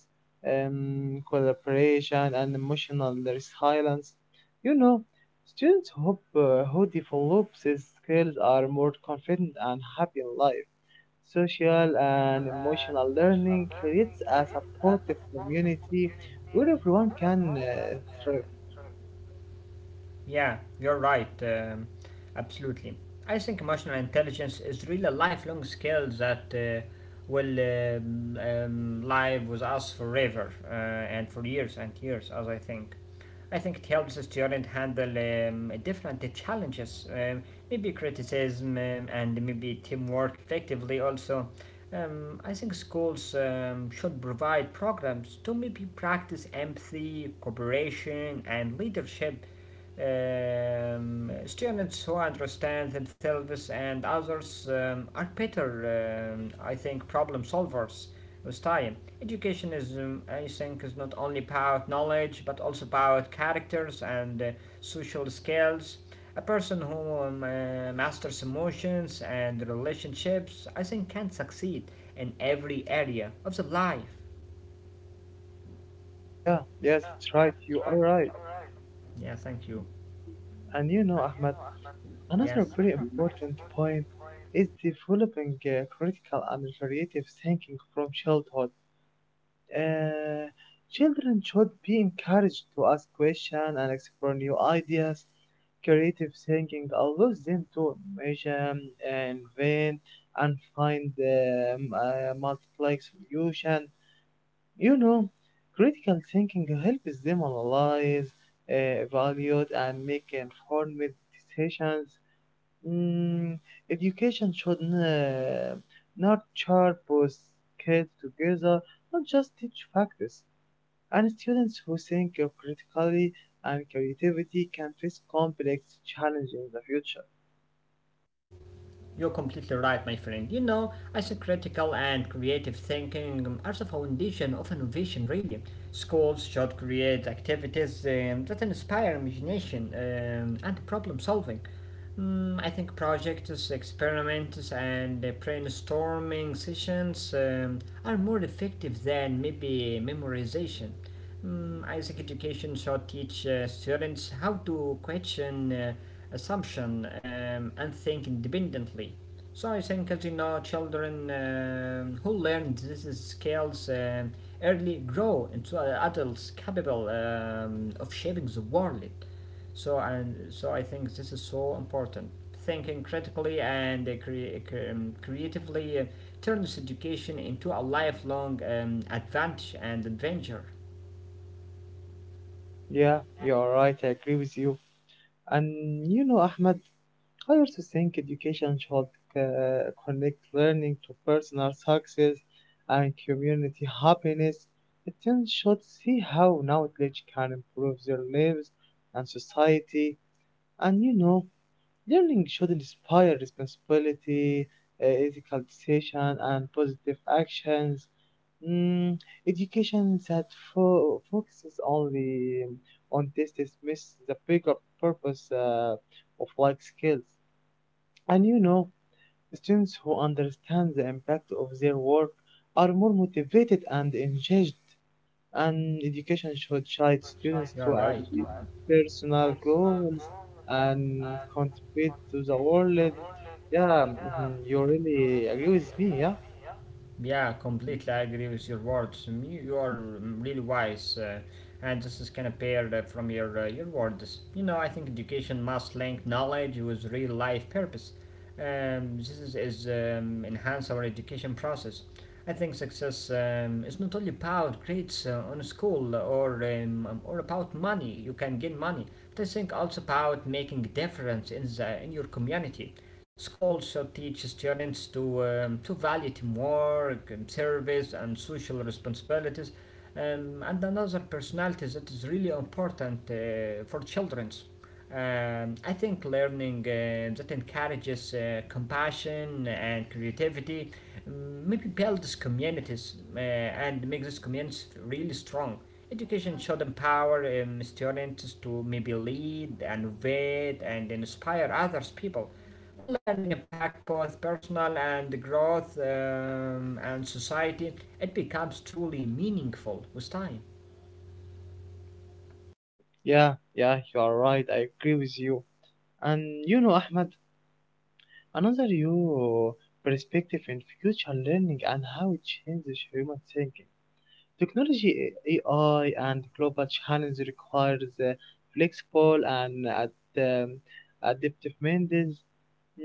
Speaker 2: um, collaboration, and emotional resilience. You know, students hope, uh, who develop these skills are more confident and happy in life. Social and emotional learning creates a supportive community where everyone can uh, thrive.
Speaker 1: Yeah, you're right. Um, absolutely. I think emotional intelligence is really a lifelong skill that uh, will um, um, live with us forever uh, and for years and years, as I think. I think it helps a student handle um, different challenges, um, maybe criticism um, and maybe teamwork effectively also. Um, I think schools um, should provide programs to maybe practice empathy, cooperation, and leadership. Um, students who understand themselves and others um, are better, um, I think, problem solvers with time. Education is, um, I think, is not only about knowledge but also about characters and uh, social skills. A person who um, uh, masters emotions and relationships, I think, can succeed in every area of the life.
Speaker 2: Yeah, yes, that's right. You are right.
Speaker 1: Yeah, thank you.
Speaker 2: And you know, Ahmed, another
Speaker 1: Yes.
Speaker 2: very important point is developing uh, critical and creative thinking from childhood. Uh, Children should be encouraged to ask questions and explore new ideas. Creative thinking allows them to measure, uh, invent, and find um, uh, multiply solution. You know, critical thinking helps them analyze, uh, evaluate, and make informed decisions. Mm, education should uh, nurture both kids together, not just teach facts and students who think uh, critically and creativity can face complex challenges in the future.
Speaker 1: You're completely right, my friend. You know, I think critical and creative thinking are the foundation of innovation, really. Schools should create activities um, that inspire imagination um, and problem solving. Mm, I think projects, experiments, and uh, brainstorming sessions um, are more effective than maybe memorization. Mm, I think education should teach uh, students how to question uh, assumption um, and think independently. So I think, as you know, children um who learn these skills um early grow into uh, adults capable um, of shaping the world. So and so, I think this is so important. Thinking critically and uh, cre- um, creatively uh, turns education into a lifelong um, advantage and adventure.
Speaker 2: Yeah, you're right, I agree with you. And you know, Ahmed, I also think education should uh, connect learning to personal success and community happiness. Students should see how knowledge can improve their lives and society, and you know, learning should inspire responsibility, uh, ethical decision, and positive actions. Mm, education that fo- focuses only um, on tests misses the bigger purpose uh, of life skills. And you know, students who understand the impact of their work are more motivated and engaged and education should guide students to
Speaker 1: You're right.
Speaker 2: achieve personal goals and contribute to the world. Yeah, mhm, you really agree with me, yeah?
Speaker 1: Yeah, completely. I agree with your words. Um, You, you are um, really wise, uh, and this is kind of paired uh, from your uh, your words. You know, I think education must link knowledge with real life purpose. Um, this is, is um, enhance our education process. I think success um, is not only about grades uh, on a school or um, um, or about money. You can gain money, but I think also about making a difference in the in your community. Schools should teach students to, um, to value teamwork, um, service, and social responsibilities. Um, and another personality that is really important uh, for children. Um, I think learning uh, that encourages uh, compassion and creativity, mm, maybe builds communities uh, and makes these communities really strong. Education should empower um, students to maybe lead, innovate, and inspire others people. When learning impacts both personal and growth um, and society, it becomes truly meaningful with time.
Speaker 2: Yeah, yeah, you are right. I agree with you. And you know, Ahmed, another you perspective in future learning and how it changes human thinking. Technology, A I, and global challenge requires uh, flexible and ad- um, adaptive minds.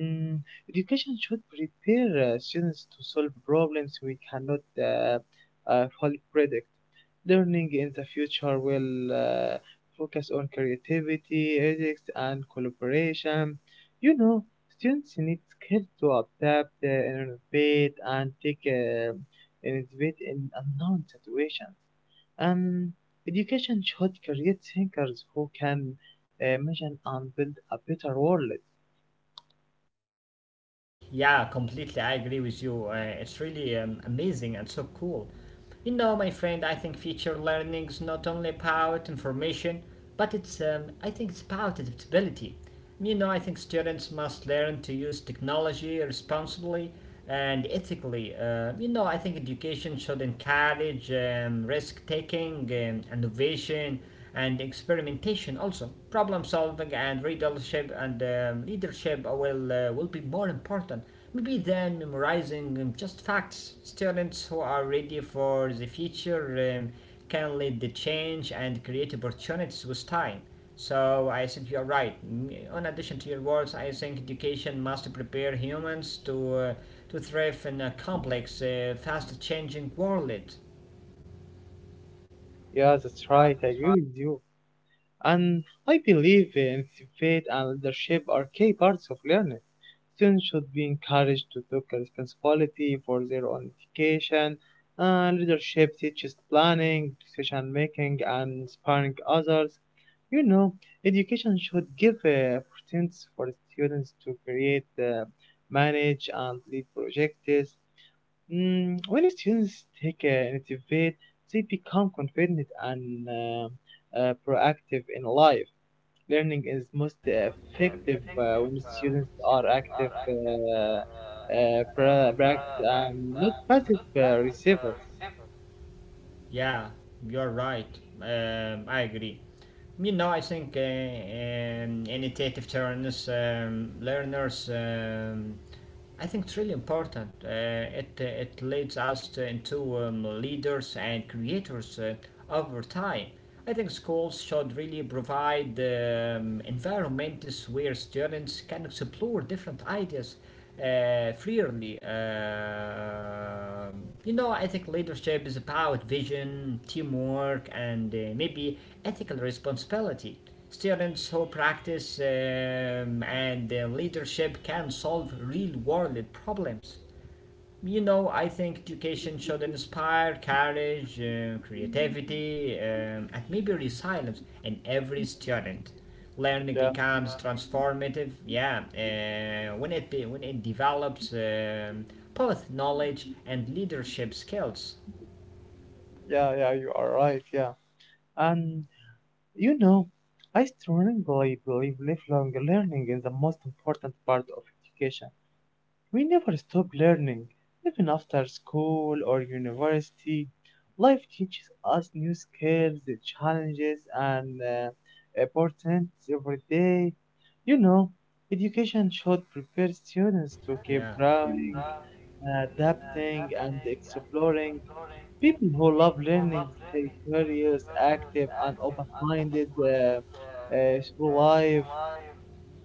Speaker 2: Mm, education should prepare uh, students to solve problems we cannot uh, uh, fully predict. Learning in the future will uh, focus on creativity, ethics, and collaboration. You know, students need skills to adapt, uh, innovate, and take uh, innovate in unknown situations. And education should create thinkers who can uh, imagine and build a better world.
Speaker 1: Yeah, completely. I agree with you. Uh, it's really um, amazing and so cool. You know, my friend, I think future learning is not only about information, but it's um, I think it's about adaptability. You know, I think students must learn to use technology responsibly and ethically. Uh, you know, I think education should encourage um, risk taking, um, innovation, and experimentation also. Problem solving and readership and um, leadership will, uh, will be more important. Maybe than memorizing um, just facts. Students who are ready for the future um, can lead the change and create opportunities with time. So I think you're right. Mm, in addition to your words, I think education must prepare humans to uh, to thrive in a complex, uh, fast-changing world.
Speaker 2: Yeah, that's right. I agree with you. And I believe anticipate and leadership are key parts of learning. Students should be encouraged to take responsibility for their own education. Uh, leadership teaches planning, decision making, and inspiring others. You know, education should give uh, opportunities for students to create, uh, manage, and lead projects. Mm, when students take uh, initiative, they become confident and uh, uh, proactive in life. Learning is most effective uh, when students are active, uh, uh, pra- practice, and not passive uh, receivers.
Speaker 1: Yeah, you're right. Um, I agree. You know, I think uh, um, initiative learners, um, learners, um, I think it's really important. Uh, it uh, it leads us to, into um, leaders and creators uh, over time. I think schools should really provide um, environments where students can explore different ideas uh, freely. Um you know, I think leadership is about vision, teamwork, and uh, maybe ethical responsibility. Students who practice um, and uh, leadership can solve real world problems. You know, I think education should inspire courage, uh, creativity, um, and maybe resilience in every student. Learning
Speaker 2: Yeah,
Speaker 1: becomes transformative, yeah, uh, when it be, when it develops um, both knowledge and leadership skills.
Speaker 2: yeah, yeah, you are right. Yeah, and you know, I strongly believe lifelong learning is the most important part of education. We never stop learning, even after school or university. Life teaches us new skills, challenges, and uh, opportunities every day. You know, education should prepare students to keep
Speaker 1: Yeah.
Speaker 2: growing, adapting, and exploring. People who love learning stay curious, active, and open minded uh, uh, through life.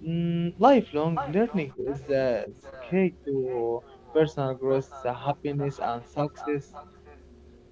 Speaker 2: Mm, lifelong learning is uh, key to personal growth, uh, happiness, and success.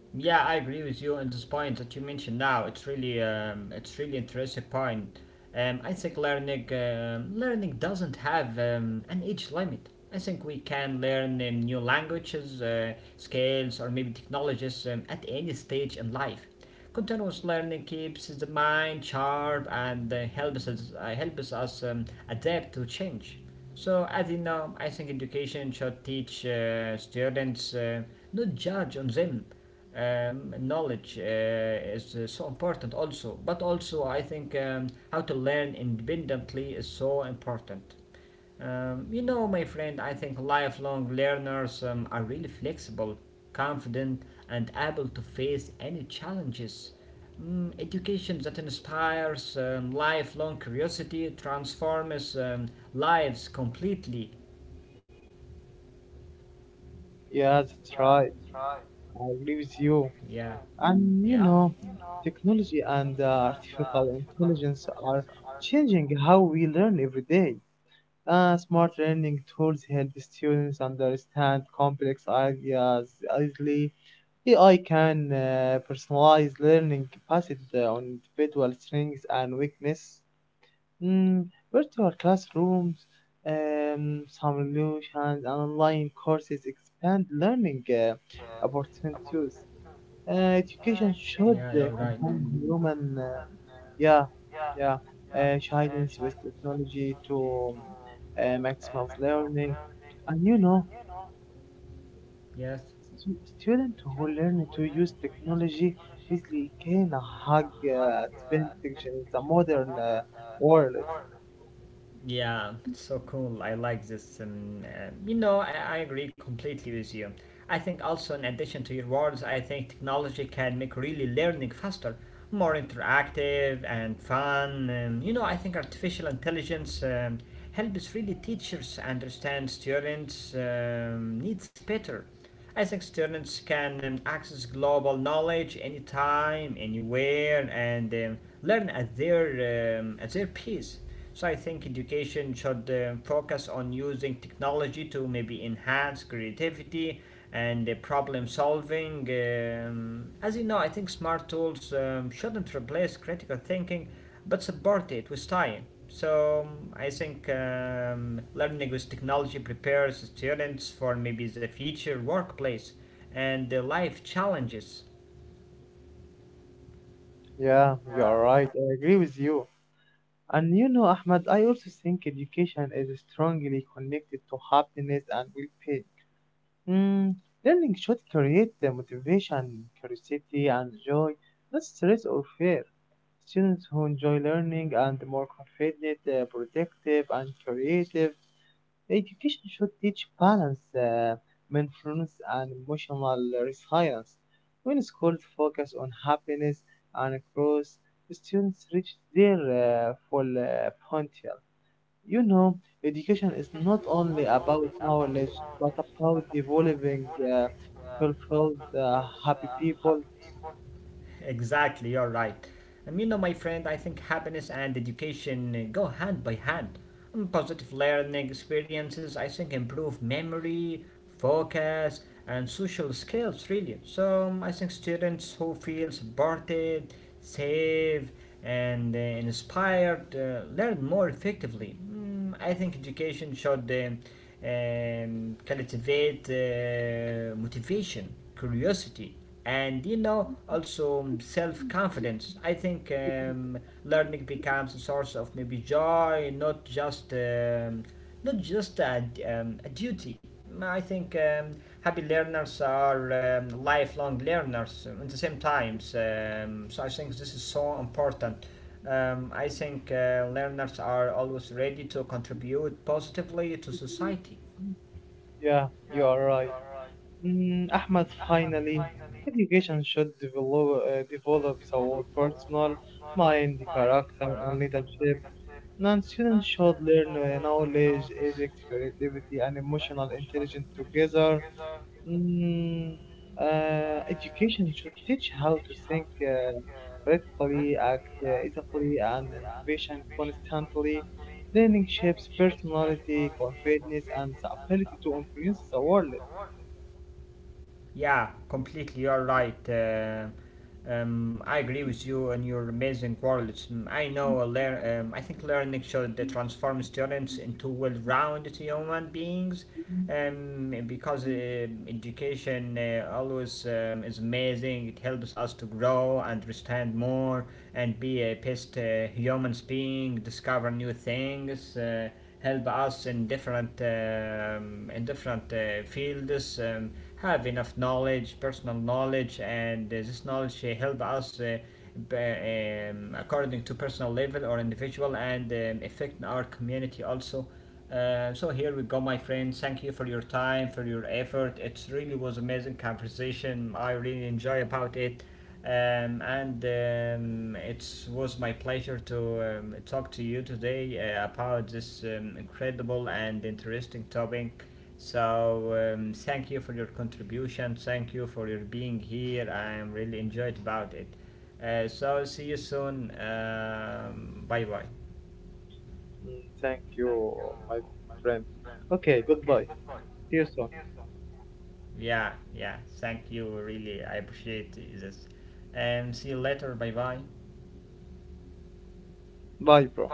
Speaker 1: Yeah, I agree with you on this point that you mentioned now. It's really, um, it's really interesting point. Um, I think learning, um learning doesn't have um, an age limit. I think we can learn um, new languages, uh, skills, or maybe technologies um, at any stage in life. Continuous learning keeps the mind sharp and uh, helps us, uh, helps us um, adapt to change. So, as you know, I think education should teach uh, students uh, not judge on them um, knowledge uh, is uh, so important also, but also I think, um, how to learn independently is so important. Um, you know, my friend, I think lifelong learners um, are really flexible, confident, and able to face any challenges. Mm, education that inspires um, lifelong curiosity transforms um, lives completely.
Speaker 2: Yeah, that's right. I agree with you.
Speaker 1: Yeah,
Speaker 2: And
Speaker 1: yeah,
Speaker 2: you know, technology and uh, artificial intelligence are changing how we learn every day. Uh, smart learning tools help students understand complex ideas easily. A I can uh, personalize learning based on individual strengths and weakness. Mm, virtual classrooms, um, simulations, and online courses expand learning uh, opportunities. Uh, education
Speaker 1: yeah,
Speaker 2: should
Speaker 1: you're
Speaker 2: uh,
Speaker 1: right.
Speaker 2: combine human, uh, yeah, yeah, uh, guidance with technology to um, uh, maximize learning. And you know,
Speaker 1: Yes.
Speaker 2: stu- students who learn to use technology easily gain a high uh, advantage in the modern uh, world.
Speaker 1: Yeah, it's so cool. I like this. Um, uh, you know, I, I agree completely with you. I think also, in addition to your words, I think technology can make really learning faster, more interactive and fun. Um, you know, I think artificial intelligence um, helps really teachers understand students' um, needs better. I think students can um, access global knowledge anytime, anywhere, and um, learn at their um, at their pace. So I think education should um, focus on using technology to maybe enhance creativity and uh, problem solving. Um, as you know, I think smart tools um, shouldn't replace critical thinking but support it with time. So um, I think um, learning with technology prepares students for maybe the future workplace and the life challenges.
Speaker 2: Yeah, you are right. I agree with you. And you know, Ahmad, I also think education is strongly connected to happiness and well-being. Mm, learning should create the motivation, curiosity, and joy, not stress or fear. Students who enjoy learning and more confident, uh, productive, and creative. Education should teach balance, uh, mindfulness, and emotional resilience. When schools focus on happiness and growth, students reach their uh, full uh, potential. You know, education is not only about knowledge, but about developing uh, fulfilled, uh, happy people.
Speaker 1: Exactly, you're right. And you know, my friend, I think happiness and education go hand by hand. And positive learning experiences, I think, improve memory, focus, and social skills, really. So um, I think students who feel supported, safe, and uh, inspired uh, learn more effectively. Mm, I think education should um, um, cultivate uh, motivation, curiosity, and you know, also um, self-confidence. I think um, learning becomes a source of maybe joy, not just um, not just a, um, a duty. I think, um, happy learners are um, lifelong learners um, at the same times. Um, so I think this is so important. um, I think uh, learners are always ready to contribute positively to society.
Speaker 2: Yeah, you are right. Mm, Ahmed, finally, education should develop, uh, develop our personal mind, character, and leadership. Non students should learn uh, knowledge, ethics, creativity, and emotional intelligence together. Mm, uh, education should teach how to think uh, critically, act uh, ethically, and innovation constantly. Learning shapes personality, confidence, and the ability to influence the world.
Speaker 1: Yeah, completely. You're right. Uh, um, I agree with you and your amazing words. Mm, I know. uh, Lear, um, I think learning should uh, transform students into well-rounded human beings, um, because uh, education uh, always um, is amazing. It helps us to grow, understand more, and be a best uh, human being, discover new things. Uh, help us in different um, in different uh, fields, um, have enough knowledge, personal knowledge, and uh, this knowledge uh, help us uh, b- um, according to personal level or individual and um, affect our community also. Uh, so here we go, my friends, thank you for your time, for your effort. It really was amazing conversation. I really enjoy about it. Um, and um, It was my pleasure to um, talk to you today uh, about this um, incredible and interesting topic. So, um, thank you for your contribution. Thank you for your being here. I'm really enjoyed about it. Uh, so, see you soon. Um, bye bye.
Speaker 2: Mm, thank you, my friend. Okay, goodbye. See you soon.
Speaker 1: Yeah, yeah. Thank you. Really, I appreciate this. And Um, see you later. Bye bye.
Speaker 2: Bye, bro.